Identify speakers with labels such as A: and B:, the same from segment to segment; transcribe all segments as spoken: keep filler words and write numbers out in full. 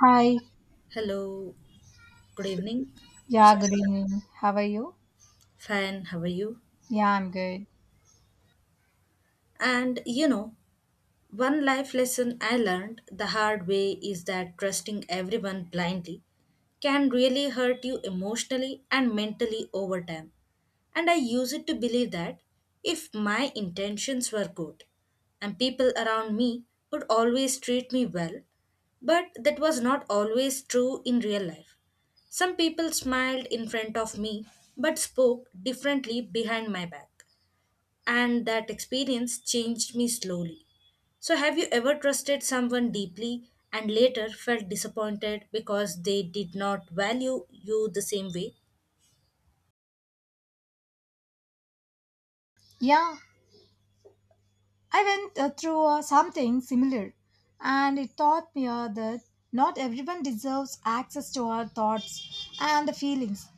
A: Hi.
B: Hello, good evening.
A: Yeah,
B: So,
A: good evening. How are you?
B: fine, how are you?
A: Yeah, I'm good.
B: And you know, one life lesson I learned the hard way is that trusting everyone blindly can really hurt you emotionally and mentally over time. And I used to believe that if my intentions were good and people around me would always treat me well, but that was not always true in real life. Some people smiled in front of me but spoke differently behind my back, and that experience changed me slowly. So, have you ever trusted someone deeply and later felt disappointed because they did not value you the same way?
A: Yeah, I went uh, through uh, something similar, and it taught me uh, that not everyone deserves access to our thoughts and feelings.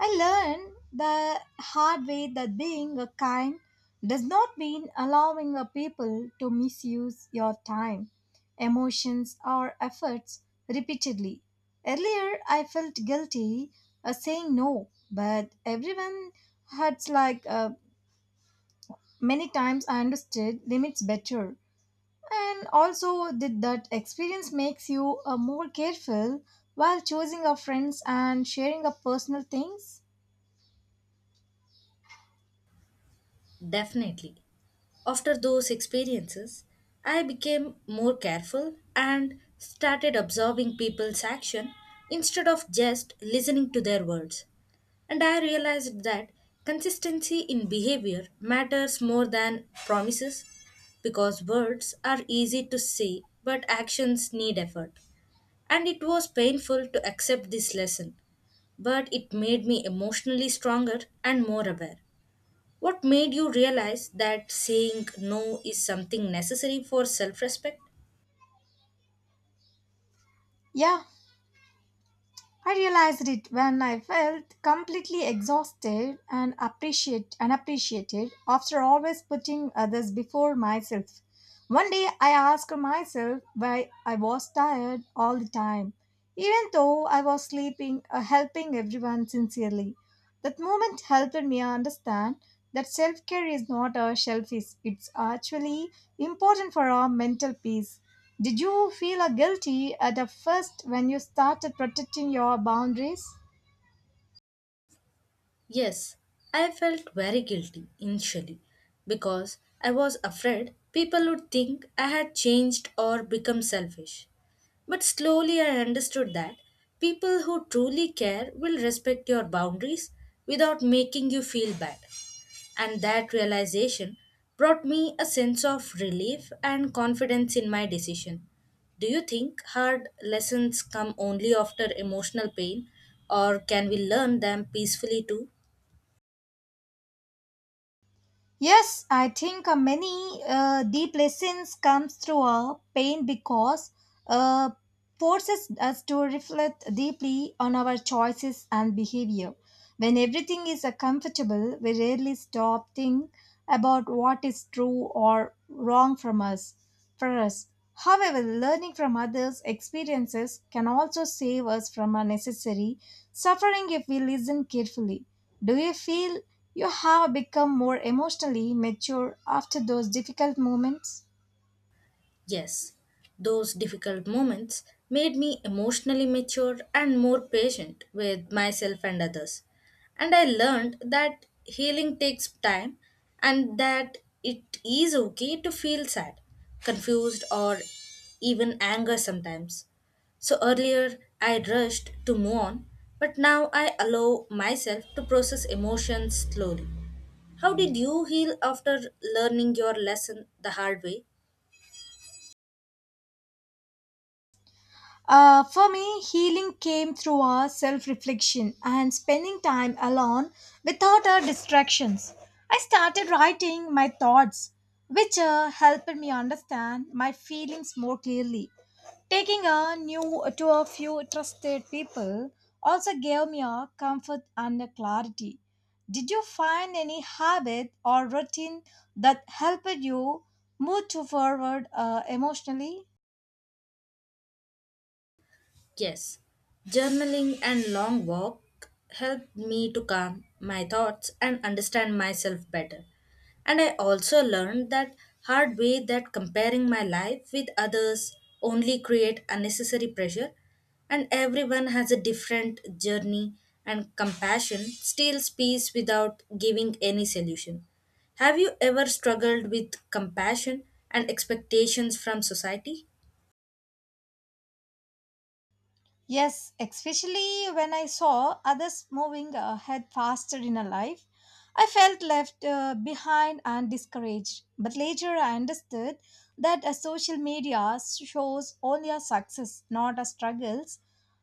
A: I learned the hard way that being a kind does not mean allowing a people to misuse your time, emotions, or efforts repeatedly. Earlier, I felt guilty uh, saying no, but everyone had like uh, many times I understood limits better. And also, did that experience makes you uh, more careful while choosing your friends and sharing your personal things?
B: Definitely. After those experiences, I became more careful and started observing people's action instead of just listening to their words. And I realized that consistency in behavior matters more than promises because words are easy to say but actions need effort. And it was painful to accept this lesson, but it made me emotionally stronger and more aware. What made you realize that saying no is something necessary for self respect?
A: Yeah, I realized it when I felt completely exhausted and appreciate unappreciated after always putting others before myself. One day I asked myself why I was tired all the time, even though I was sleeping or helping everyone sincerely. That moment helped me understand that self care is not a selfish, it's actually important for our mental peace. Did you feel a guilty at the first when you started protecting your boundaries?
B: Yes, I felt very guilty initially because I was afraid people would think I had changed or become selfish. But slowly I understood that people who truly care will respect your boundaries without making you feel bad. And that realization brought me a sense of relief and confidence in my decision. Do you think hard lessons come only after emotional pain, or can we learn them peacefully too?
A: Yes, I think uh, many uh, deep lessons comes through our pain because uh, forces us to reflect deeply on our choices and behavior. When everything is uh, comfortable, we rarely stop think about what is true or wrong from us. For us, however, learning from others' experiences can also save us from unnecessary suffering if we listen carefully. Do you feel you have become more emotionally mature after those difficult moments?
B: Yes, those difficult moments made me emotionally mature and more patient with myself and others. And I learned that healing takes time and that it is okay to feel sad, confused, or even anger sometimes. So earlier I rushed to move on, but now I allow myself to process emotions slowly. How did you heal after learning your lesson the hard way?
A: Uh, for me, healing came through our self reflection and spending time alone without our distractions. I started writing my thoughts, which uh, helped me understand my feelings more clearly. Taking a new to a few trusted people also gave me a comfort and a clarity. Did you find any habit or routine that helped you move to forward uh, emotionally?
B: Yes, journaling and long walk helped me to calm my thoughts and understand myself better. And I also learned that hard way that comparing my life with others only create unnecessary pressure and everyone has a different journey and compassion steals peace without giving any solution. Have you ever struggled with compassion and expectations from society?
A: Yes, especially when I saw others moving uh, ahead faster in a life, I felt left uh, behind and discouraged. But later I understood that a social media shows only our success, not our struggles.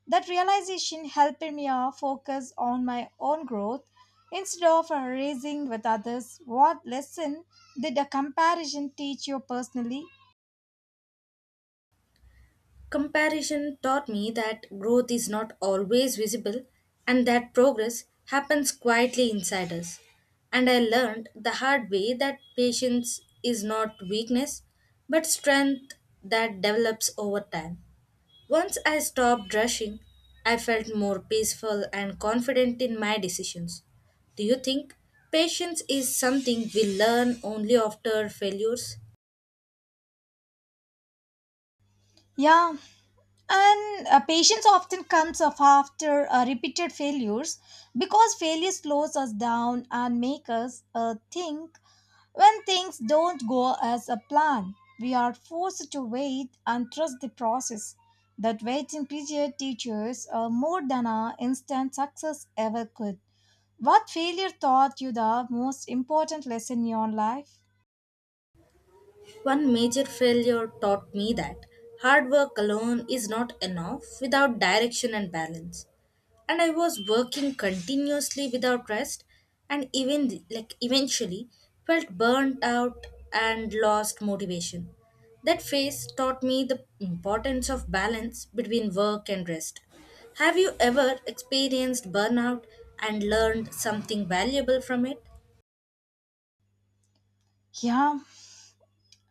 A: That realization helped me uh, focus on my own growth instead of uh, raising with others. What lesson did a comparison teach you personally?
B: Comparison taught me that growth is not always visible and that progress happens quietly inside us. And I learned the hard way that patience is not weakness but strength that develops over time. Once I stopped rushing, I felt more peaceful and confident in my decisions. Do you think patience is something we learn only after failures?
A: Yeah, and uh, patience often comes up after uh, repeated failures because failure slows us down and makes us uh, think when things don't go as a plan. We are forced to wait and trust the process. That waiting period teaches uh, more than our instant success ever could. What failure taught you the most important lesson in your life?
B: One major failure taught me that hard work alone is not enough without direction and balance. And I was working continuously without rest and even like eventually felt burnt out and lost motivation. That phase taught me the importance of balance between work and rest. Have you ever experienced burnout and learned something valuable from it?
A: Yeah,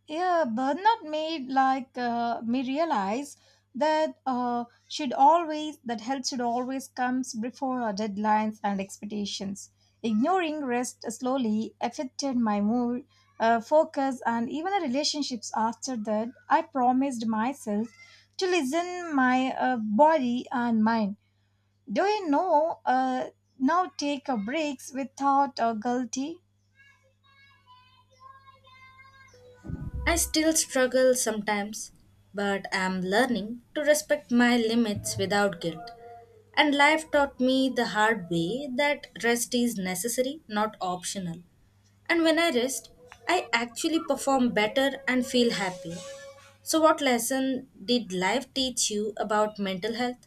A: Yeah, Bernard made like uh, me realize that uh, should always that health should always comes before our deadlines and expectations. Ignoring rest slowly affected my mood, uh, focus, and even the relationships. After that, I promised myself to listen my uh, body and mind. Do you know? Uh, now take a breaks without uh, guilty.
B: I still struggle sometimes, but am learning to respect my limits without guilt. And life taught me the hard way that rest is necessary, not optional. And when I rest, I actually perform better and feel happy. So, what lesson did life teach you about mental health?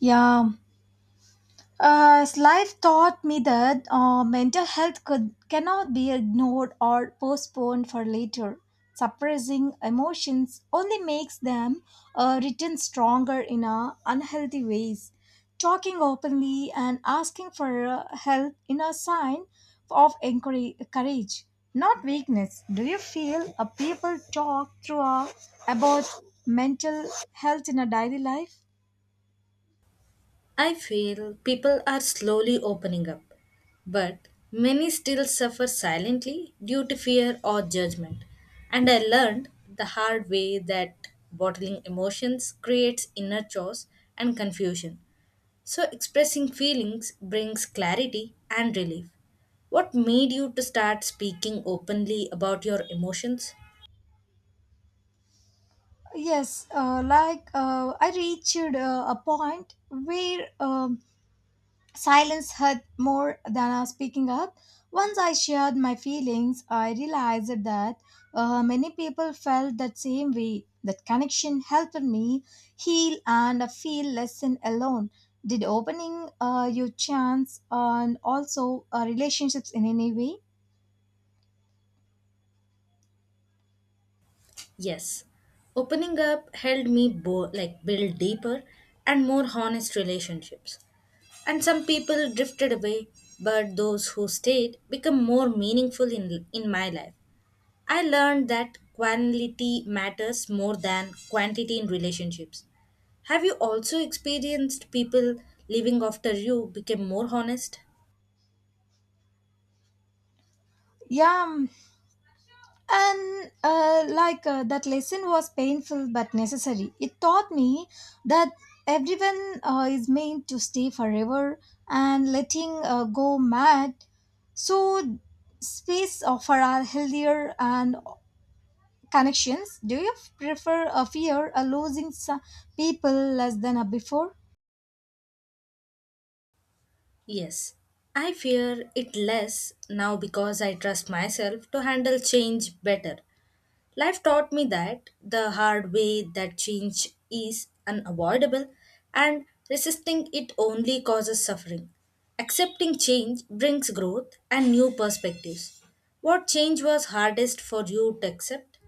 A: Yeah, Uh, life taught me that uh, mental health could cannot be ignored or postponed for later. Suppressing emotions only makes them uh, return stronger in a unhealthy ways. Talking openly and asking for uh, help in a sign of encourage, courage, not weakness. Do you feel a people talk through a, about mental health in a daily life?
B: I feel people are slowly opening up, but many still suffer silently due to fear or judgment. And I learned the hard way that bottling emotions creates inner chaos and confusion. So expressing feelings brings clarity and relief. What made you to start speaking openly about your emotions?
A: Yes, uh, like uh, I reached uh, a point where um, silence hurt more than uh, speaking up. Once I shared my feelings, I realized that uh, many people felt that same way. That connection helped me heal and uh, feel less and alone. Did opening uh, your chance and also uh, relationships in any way?
B: Yes, opening up helped me bo- like build deeper and more honest relationships. And some people drifted away, but those who stayed become more meaningful in in my life. I learned that quality matters more than quantity in relationships. Have you also experienced people leaving after you became more honest?
A: Yeah, um, and uh, like uh, that lesson was painful but necessary it taught me that everyone uh, is meant to stay forever and letting uh, go mad so space uh, for our healthier and connections do you prefer a fear of losing some people less than a before.
B: Yes. I fear it less now because I trust myself to handle change better. Life taught me that the hard way that change is unavoidable and resisting it only causes suffering. Accepting change brings growth and new perspectives. What change was hardest for you to accept?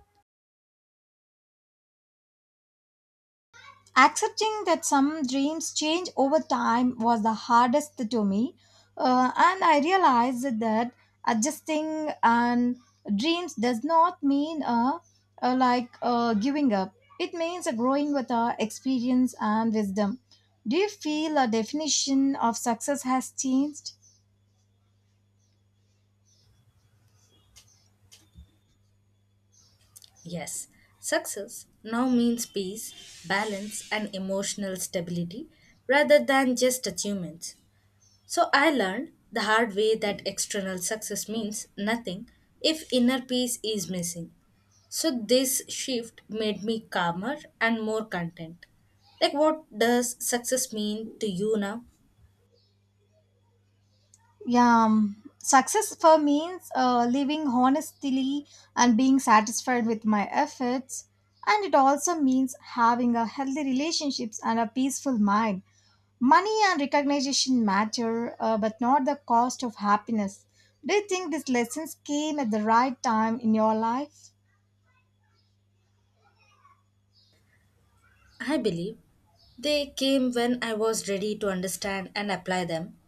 A: Accepting that some dreams change over time was the hardest to me, uh, and I realized that adjusting and dreams does not mean uh, uh, like uh, giving up. It means uh, growing with our experience and wisdom. Do you feel a definition of success has changed?
B: Yes, success now means peace, balance, and emotional stability rather than just achievements. So I learned the hard way that external success means nothing if inner peace is missing. So this shift made me calmer and more content. Like, what does success mean to you now?
A: Yeah, um, success for means uh, living honestly and being satisfied with my efforts, and it also means having a healthy relationships and a peaceful mind. Money and recognition matter, uh, but not the cost of happiness. Do you think these lessons came at the right time in your life?
B: I believe they came when I was ready to understand and apply them.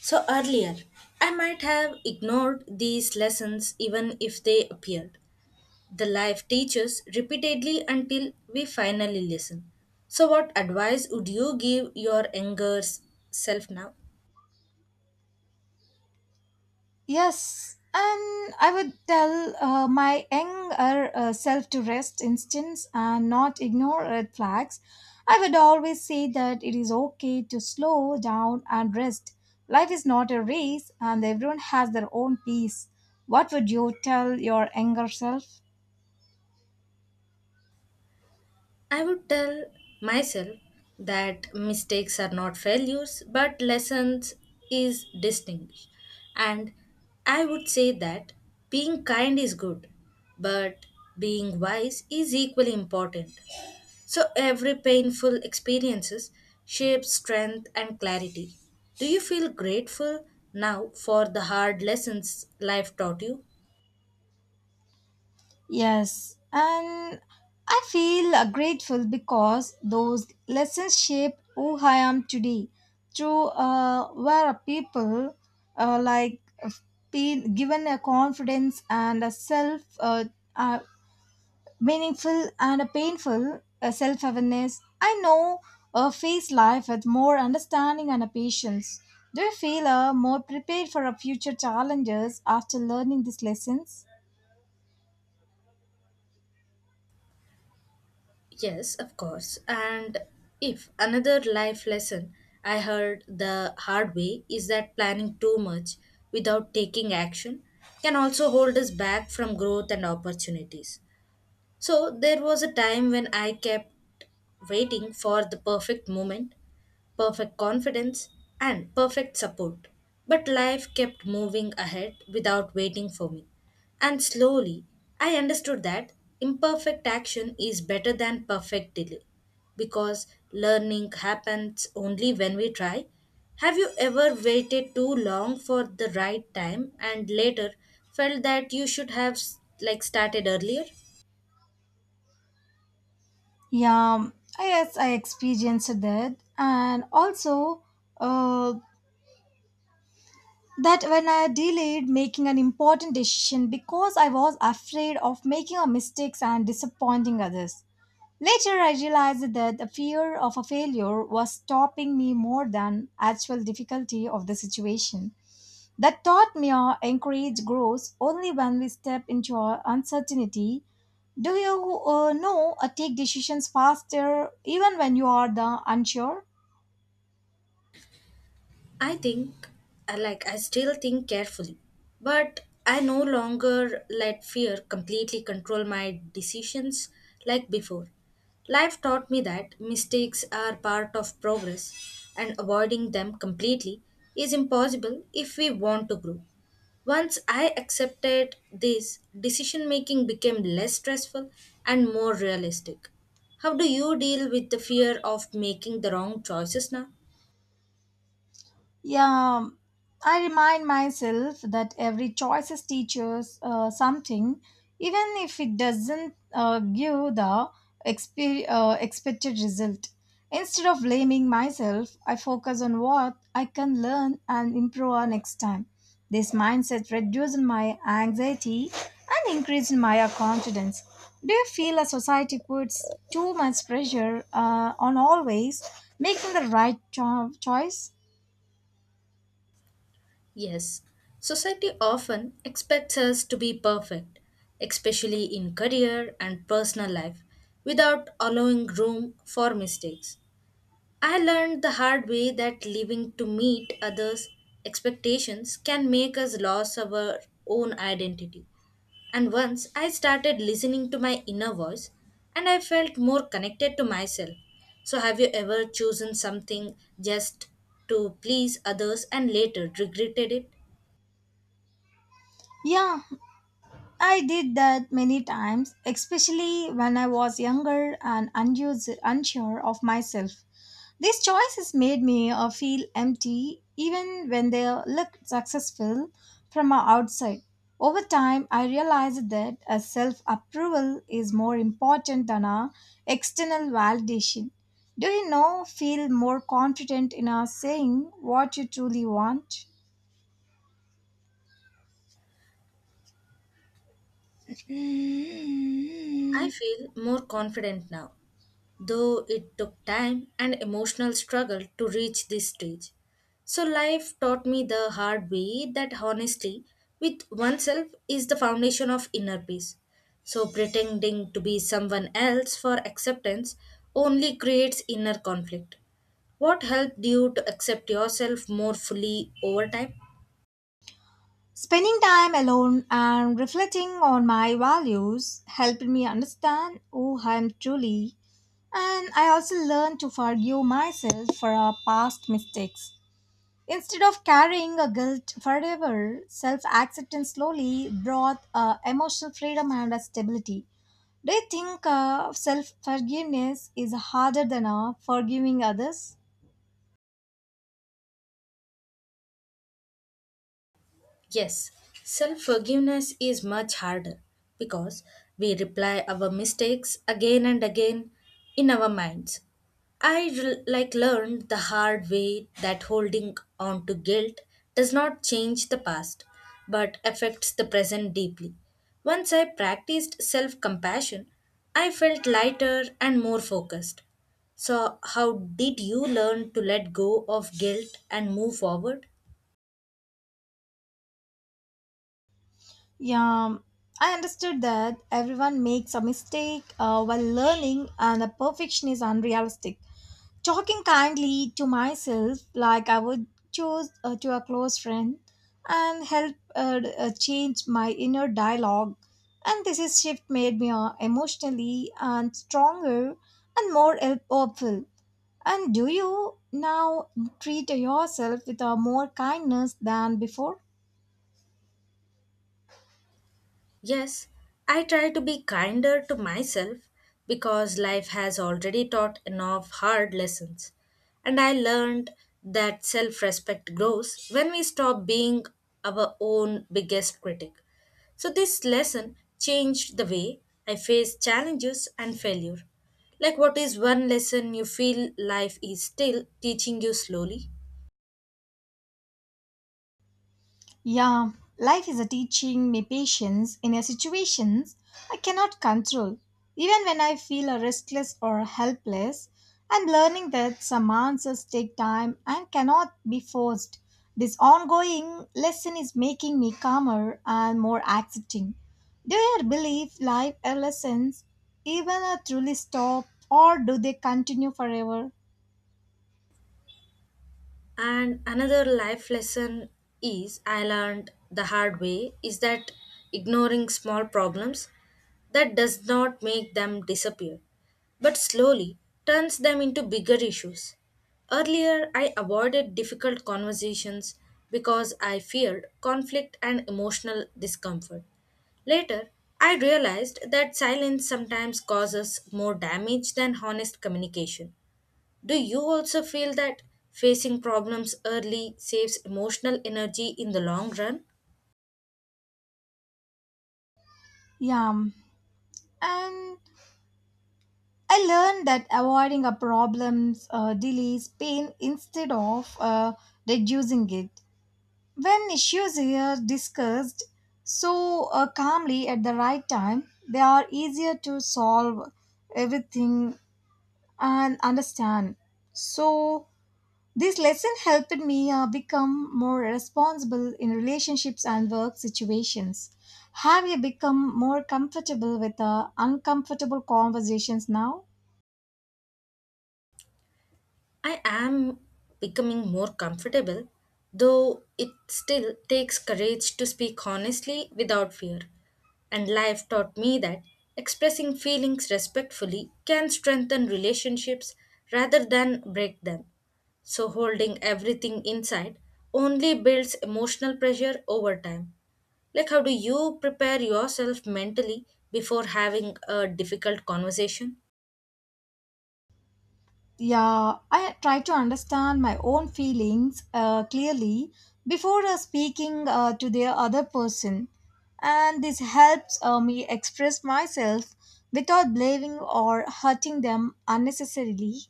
B: So earlier, I might have ignored these lessons even if they appeared. The life teaches repeatedly until we finally listen. So what advice would you give your younger s- self now?
A: Yes, and I would tell uh, my younger uh, self to rest instance and not ignore red flags. I would always say that it is okay to slow down and rest. Life is not a race, and everyone has their own pace. What would you tell your younger self?
B: I would tell myself that mistakes are not failures but lessons is distinguished. And I would say that being kind is good, but being wise is equally important. So every painful experiences shapes strength and clarity. Do you feel grateful now for the hard lessons life taught you?
A: Yes, and I feel uh, grateful because those lessons shaped who I am today. Through uh, where people uh, like uh, been given a confidence and a self uh, uh, meaningful and a painful uh, self awareness, I know uh, face life with more understanding and a patience. Do you feel uh, more prepared for a future challenges after learning these lessons?
B: Yes, of course. And if another life lesson I heard the hard way is that planning too much without taking action can also hold us back from growth and opportunities. So there was a time when I kept waiting for the perfect moment perfect confidence, and perfect support. But life kept moving ahead without waiting for me. And slowly, I understood that imperfect action is better than perfect delay because learning happens only when we try. Have you ever waited too long for the right time and later felt that you should have like started earlier?
A: Yeah, yes, I experienced that. And also, uh, that when I delayed making an important decision because I was afraid of making a mistakes and disappointing others. Later, I realized that the fear of a failure was stopping me more than actual difficulty of the situation. That taught me uh, encourage grows only when we step into our uncertainty. Do you uh, know uh, take decisions faster even when you are the unsure?
B: I think, I like, I still think carefully, but I no longer let fear completely control my decisions like before. Life taught me that mistakes are part of progress, and avoiding them completely is impossible if we want to grow. Once I accepted this, decision making became less stressful and more realistic. How do you deal with the fear of making the wrong choices now?
A: Yeah, I remind myself that every choice is teaches uh, something, even if it doesn't uh, give the expe- uh, expected result. Instead of blaming myself, I focus on what I can learn and improve on next time. This mindset reduces my anxiety and increases my confidence. Do you feel a society puts too much pressure uh, on always making the right cho- choice?
B: Yes, society often expects us to be perfect, especially in career and personal life, without allowing room for mistakes. I learned the hard way that living to meet others' expectations can make us lose our own identity. And once I started listening to my inner voice, and I felt more connected to myself. So, have you ever chosen something just to please others and later regretted it?
A: Yeah, I did that many times, especially when I was younger and unused, unsure of myself. These choices made me uh, feel empty even when they looked successful from our outside. Over time, I realized that a self approval is more important than a external validation. Do you know, feel more confident in our saying what you truly want?
B: I feel more confident now, though it took time and emotional struggle to reach this stage. So, life taught me the hard way that honesty with oneself is the foundation of inner peace. So, pretending to be someone else for acceptance only creates inner conflict. What helped you to accept yourself more fully over time?
A: Spending time alone and reflecting on my values helped me understand who I am truly, and I also learned to forgive myself for our past mistakes. Instead of carrying a guilt forever, self acceptance slowly brought uh, emotional freedom and a stability. Do you think uh, self forgiveness is harder than uh, forgiving others?
B: Yes, self forgiveness is much harder because we replay our mistakes again and again in our minds. I re- like learned the hard way that holding on to guilt does not change the past but affects the present deeply. Once I practiced self compassion, I felt lighter and more focused. So, how did you learn to let go of guilt and move forward?
A: Yeah, um, I understood that everyone makes a mistake uh, while learning, and a perfection is unrealistic. Talking kindly to myself, like I would choose uh, to a close friend, and help uh, uh, change my inner dialogue. And this is shift made me uh, emotionally and stronger and more help- hopeful. And do you now treat yourself with uh, more kindness than before?
B: Yes, I try to be kinder to myself because life has already taught enough hard lessons. And I learned that self respect grows when we stop being our own biggest critic. So, this lesson changed the way I face challenges and failure. Like, what is one lesson you feel life is still teaching you slowly?
A: Yeah, life is a teaching me patience in a situations I cannot control. Even when I feel a restless or helpless, I'm learning that some answers take time and cannot be forced. This ongoing lesson is making me calmer and more accepting. Do you believe life lessons even uh, truly stop or do they continue forever?
B: And another life lesson is I learned the hard way is that ignoring small problems that does not make them disappear, but slowly turns them into bigger issues. Earlier, I avoided difficult conversations because I feared conflict and emotional discomfort. Later, I realized that silence sometimes causes more damage than honest communication. Do you also feel that facing problems early saves emotional energy in the long run?
A: Yeah, and I learned that avoiding a problems uh, delays pain instead of uh, reducing it. When issues are discussed so uh, calmly at the right time, they are easier to solve everything and understand. So this lesson helped me uh, become more responsible in relationships and work situations. Have you become more comfortable with uh, uncomfortable conversations now?
B: I am becoming more comfortable, though it still takes courage to speak honestly without fear. And life taught me that expressing feelings respectfully can strengthen relationships rather than break them. So, holding everything inside only builds emotional pressure over time. Like, how do you prepare yourself mentally before having a difficult conversation?
A: Yeah, I try to understand my own feelings uh, clearly before uh, speaking uh, to the other person, and this helps uh, me express myself without blaming or hurting them unnecessarily.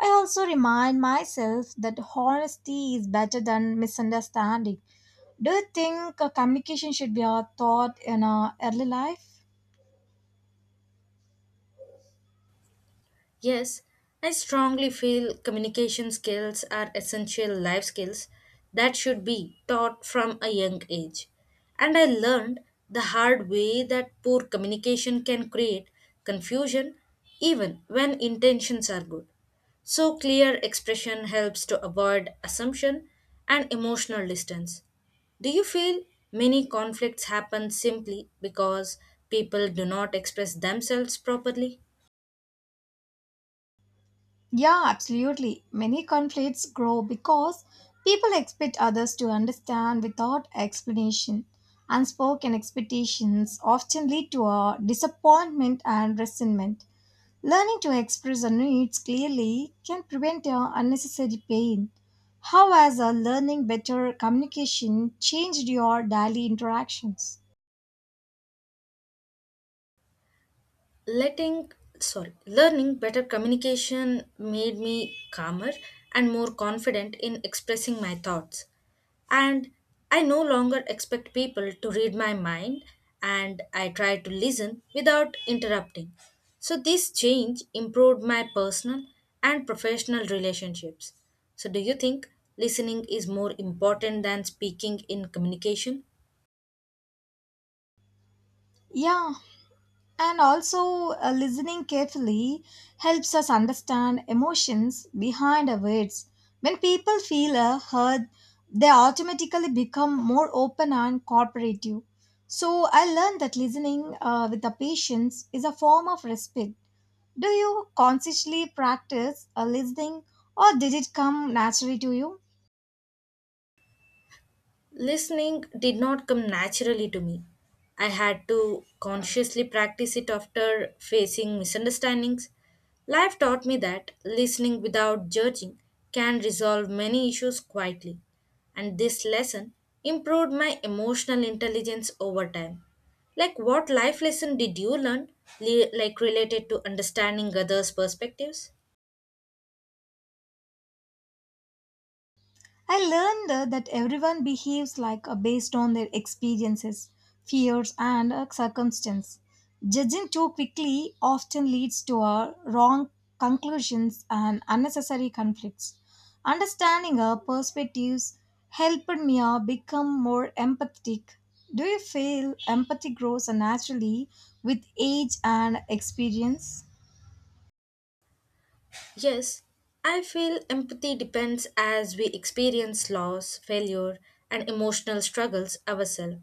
A: I also remind myself that honesty is better than misunderstanding. Do you think uh, communication should be a thought in our early life?
B: Yes, I strongly feel communication skills are essential life skills that should be taught from a young age. And I learned the hard way that poor communication can create confusion even when intentions are good. So, clear expression helps to avoid assumption and emotional distance. Do you feel many conflicts happen simply because people do not express themselves properly?
A: Yeah, absolutely. Many conflicts grow because people expect others to understand without explanation. Unspoken expectations often lead to a disappointment and resentment. Learning to express our needs clearly can prevent uh, unnecessary pain. How has uh, learning better communication changed your daily interactions?
B: Letting sorry Learning better communication made me calmer and more confident in expressing my thoughts, and I no longer expect people to read my mind, and I try to listen without interrupting. So this change improved my personal and professional relationships. So do you think listening is more important than speaking in communication?
A: Yeah, and also uh, listening carefully helps us understand emotions behind our words when people feel uh, heard they automatically become more open and cooperative so I learned that listening uh, with the patience is a form of respect do you consciously practice uh, listening or did it come naturally to you.
B: Listening did not come naturally to me. I had to consciously practice it after facing misunderstandings. Life taught me that listening without judging can resolve many issues quietly, and this lesson improved my emotional intelligence over time. Like, what life lesson did you learn, li- like related to understanding others' perspectives?
A: I learned uh, that everyone behaves like uh, based on their experiences, fears, and uh, circumstance. Judging too quickly often leads to uh, wrong conclusions and unnecessary conflicts. Understanding our perspectives helped me uh, become more empathetic. Do you feel empathy grows naturally with age and experience?
B: Yes, I feel empathy depends as we experience loss, failure, and emotional struggles ourselves.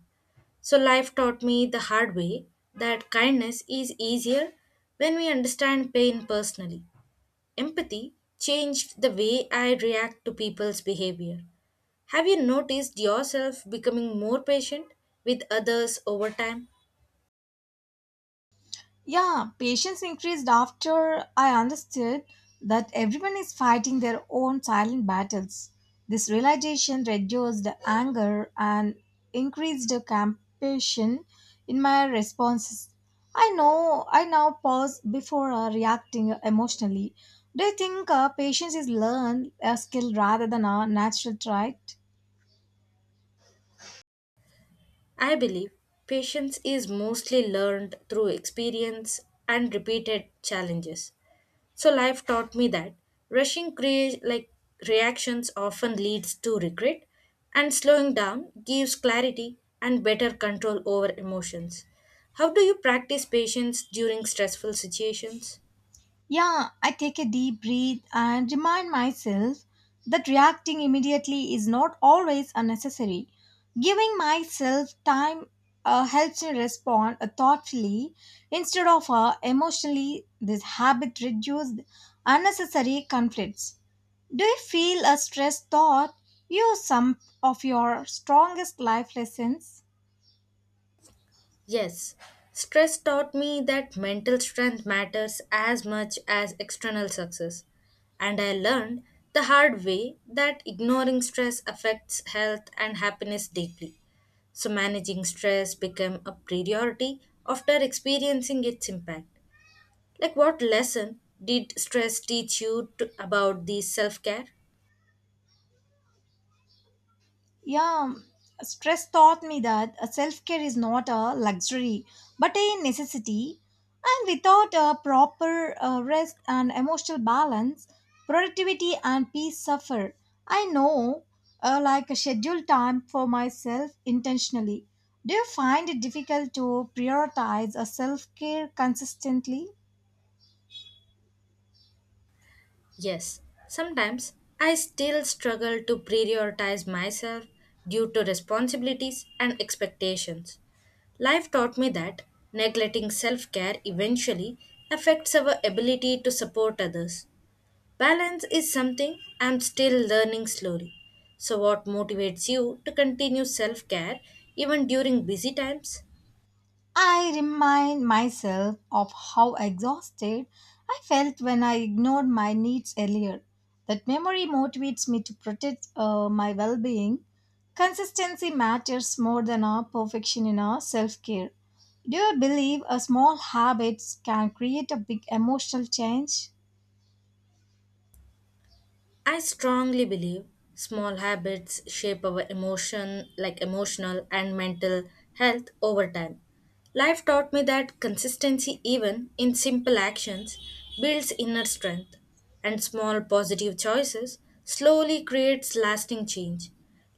B: So, life taught me the hard way that kindness is easier when we understand pain personally. Empathy changed the way I react to people's behavior. Have you noticed yourself becoming more patient with others over time?
A: Yeah, patience increased after I understood that everyone is fighting their own silent battles. This realization reduced the anger and increased the compassion in my responses. I know I now pause before uh, reacting emotionally. Do you think uh, patience is learned a skill rather than a natural trait?
B: I believe patience is mostly learned through experience and repeated challenges. So life taught me that rushing crea- like reactions often leads to regret and slowing down gives clarity and better control over emotions. How do you practice patience during stressful situations?
A: Yeah, I take a deep breath and remind myself that reacting immediately is not always unnecessary. Giving myself time uh, helps me respond uh, thoughtfully instead of uh, emotionally. This habit reduces unnecessary conflicts. Do you feel a stress thought? You some of your strongest life lessons.
B: Yes, stress taught me that mental strength matters as much as external success. And I learned the hard way that ignoring stress affects health and happiness deeply. So managing stress became a priority after experiencing its impact. Like, what lesson did stress teach you to, about the self-care?
A: Yeah, stress taught me that uh, self care is not a luxury but a necessity. And without a proper uh, rest and emotional balance, productivity and peace suffer. I know, uh, like a scheduled time for myself intentionally. Do you find it difficult to prioritize a self care consistently?
B: Yes, sometimes I still struggle to prioritize myself due to responsibilities and expectations. Life taught me that neglecting self care eventually affects our ability to support others. Balance is something I'm still learning slowly. So, what motivates you to continue self care even during busy times?
A: I remind myself of how exhausted I felt when I ignored my needs earlier. That memory motivates me to protect uh, my well being. Consistency matters more than our perfection in our self care. Do you believe a small habits can create a big emotional change?
B: I strongly believe small habits shape our emotion, like emotional and mental health over time. Life taught me that consistency, even in simple actions, builds inner strength, and small positive choices slowly creates lasting change.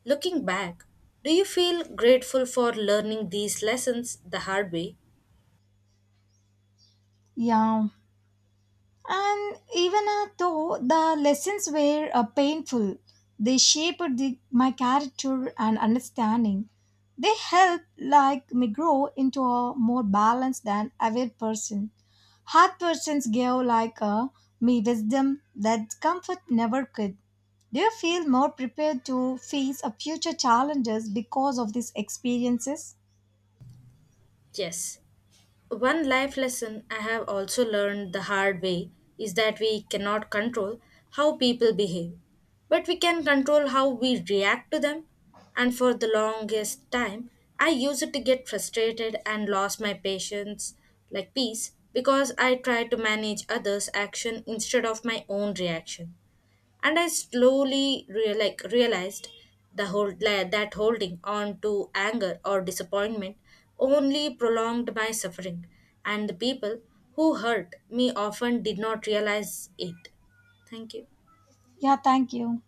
B: Looking back, do you feel grateful for learning these lessons the hard way?
A: Yeah, and even uh, though the lessons were uh, painful, they shaped the, my character and understanding. They helped like me grow into a more balanced and aware person. Hard persons gave like uh, me wisdom that comfort never could. Do you feel more prepared to face a future challenges because of these experiences?
B: Yes. One life lesson I have also learned the hard way is that we cannot control how people behave, but we can control how we react to them. And for the longest time, I used it to get frustrated and lost my patience, like peace, because I tried to manage others' action instead of my own reaction, and I slowly real, like realized the hold la- that holding on to anger or disappointment only prolonged my suffering, and the people who hurt me often did not realize it. Thank you.
A: Yeah, thank you.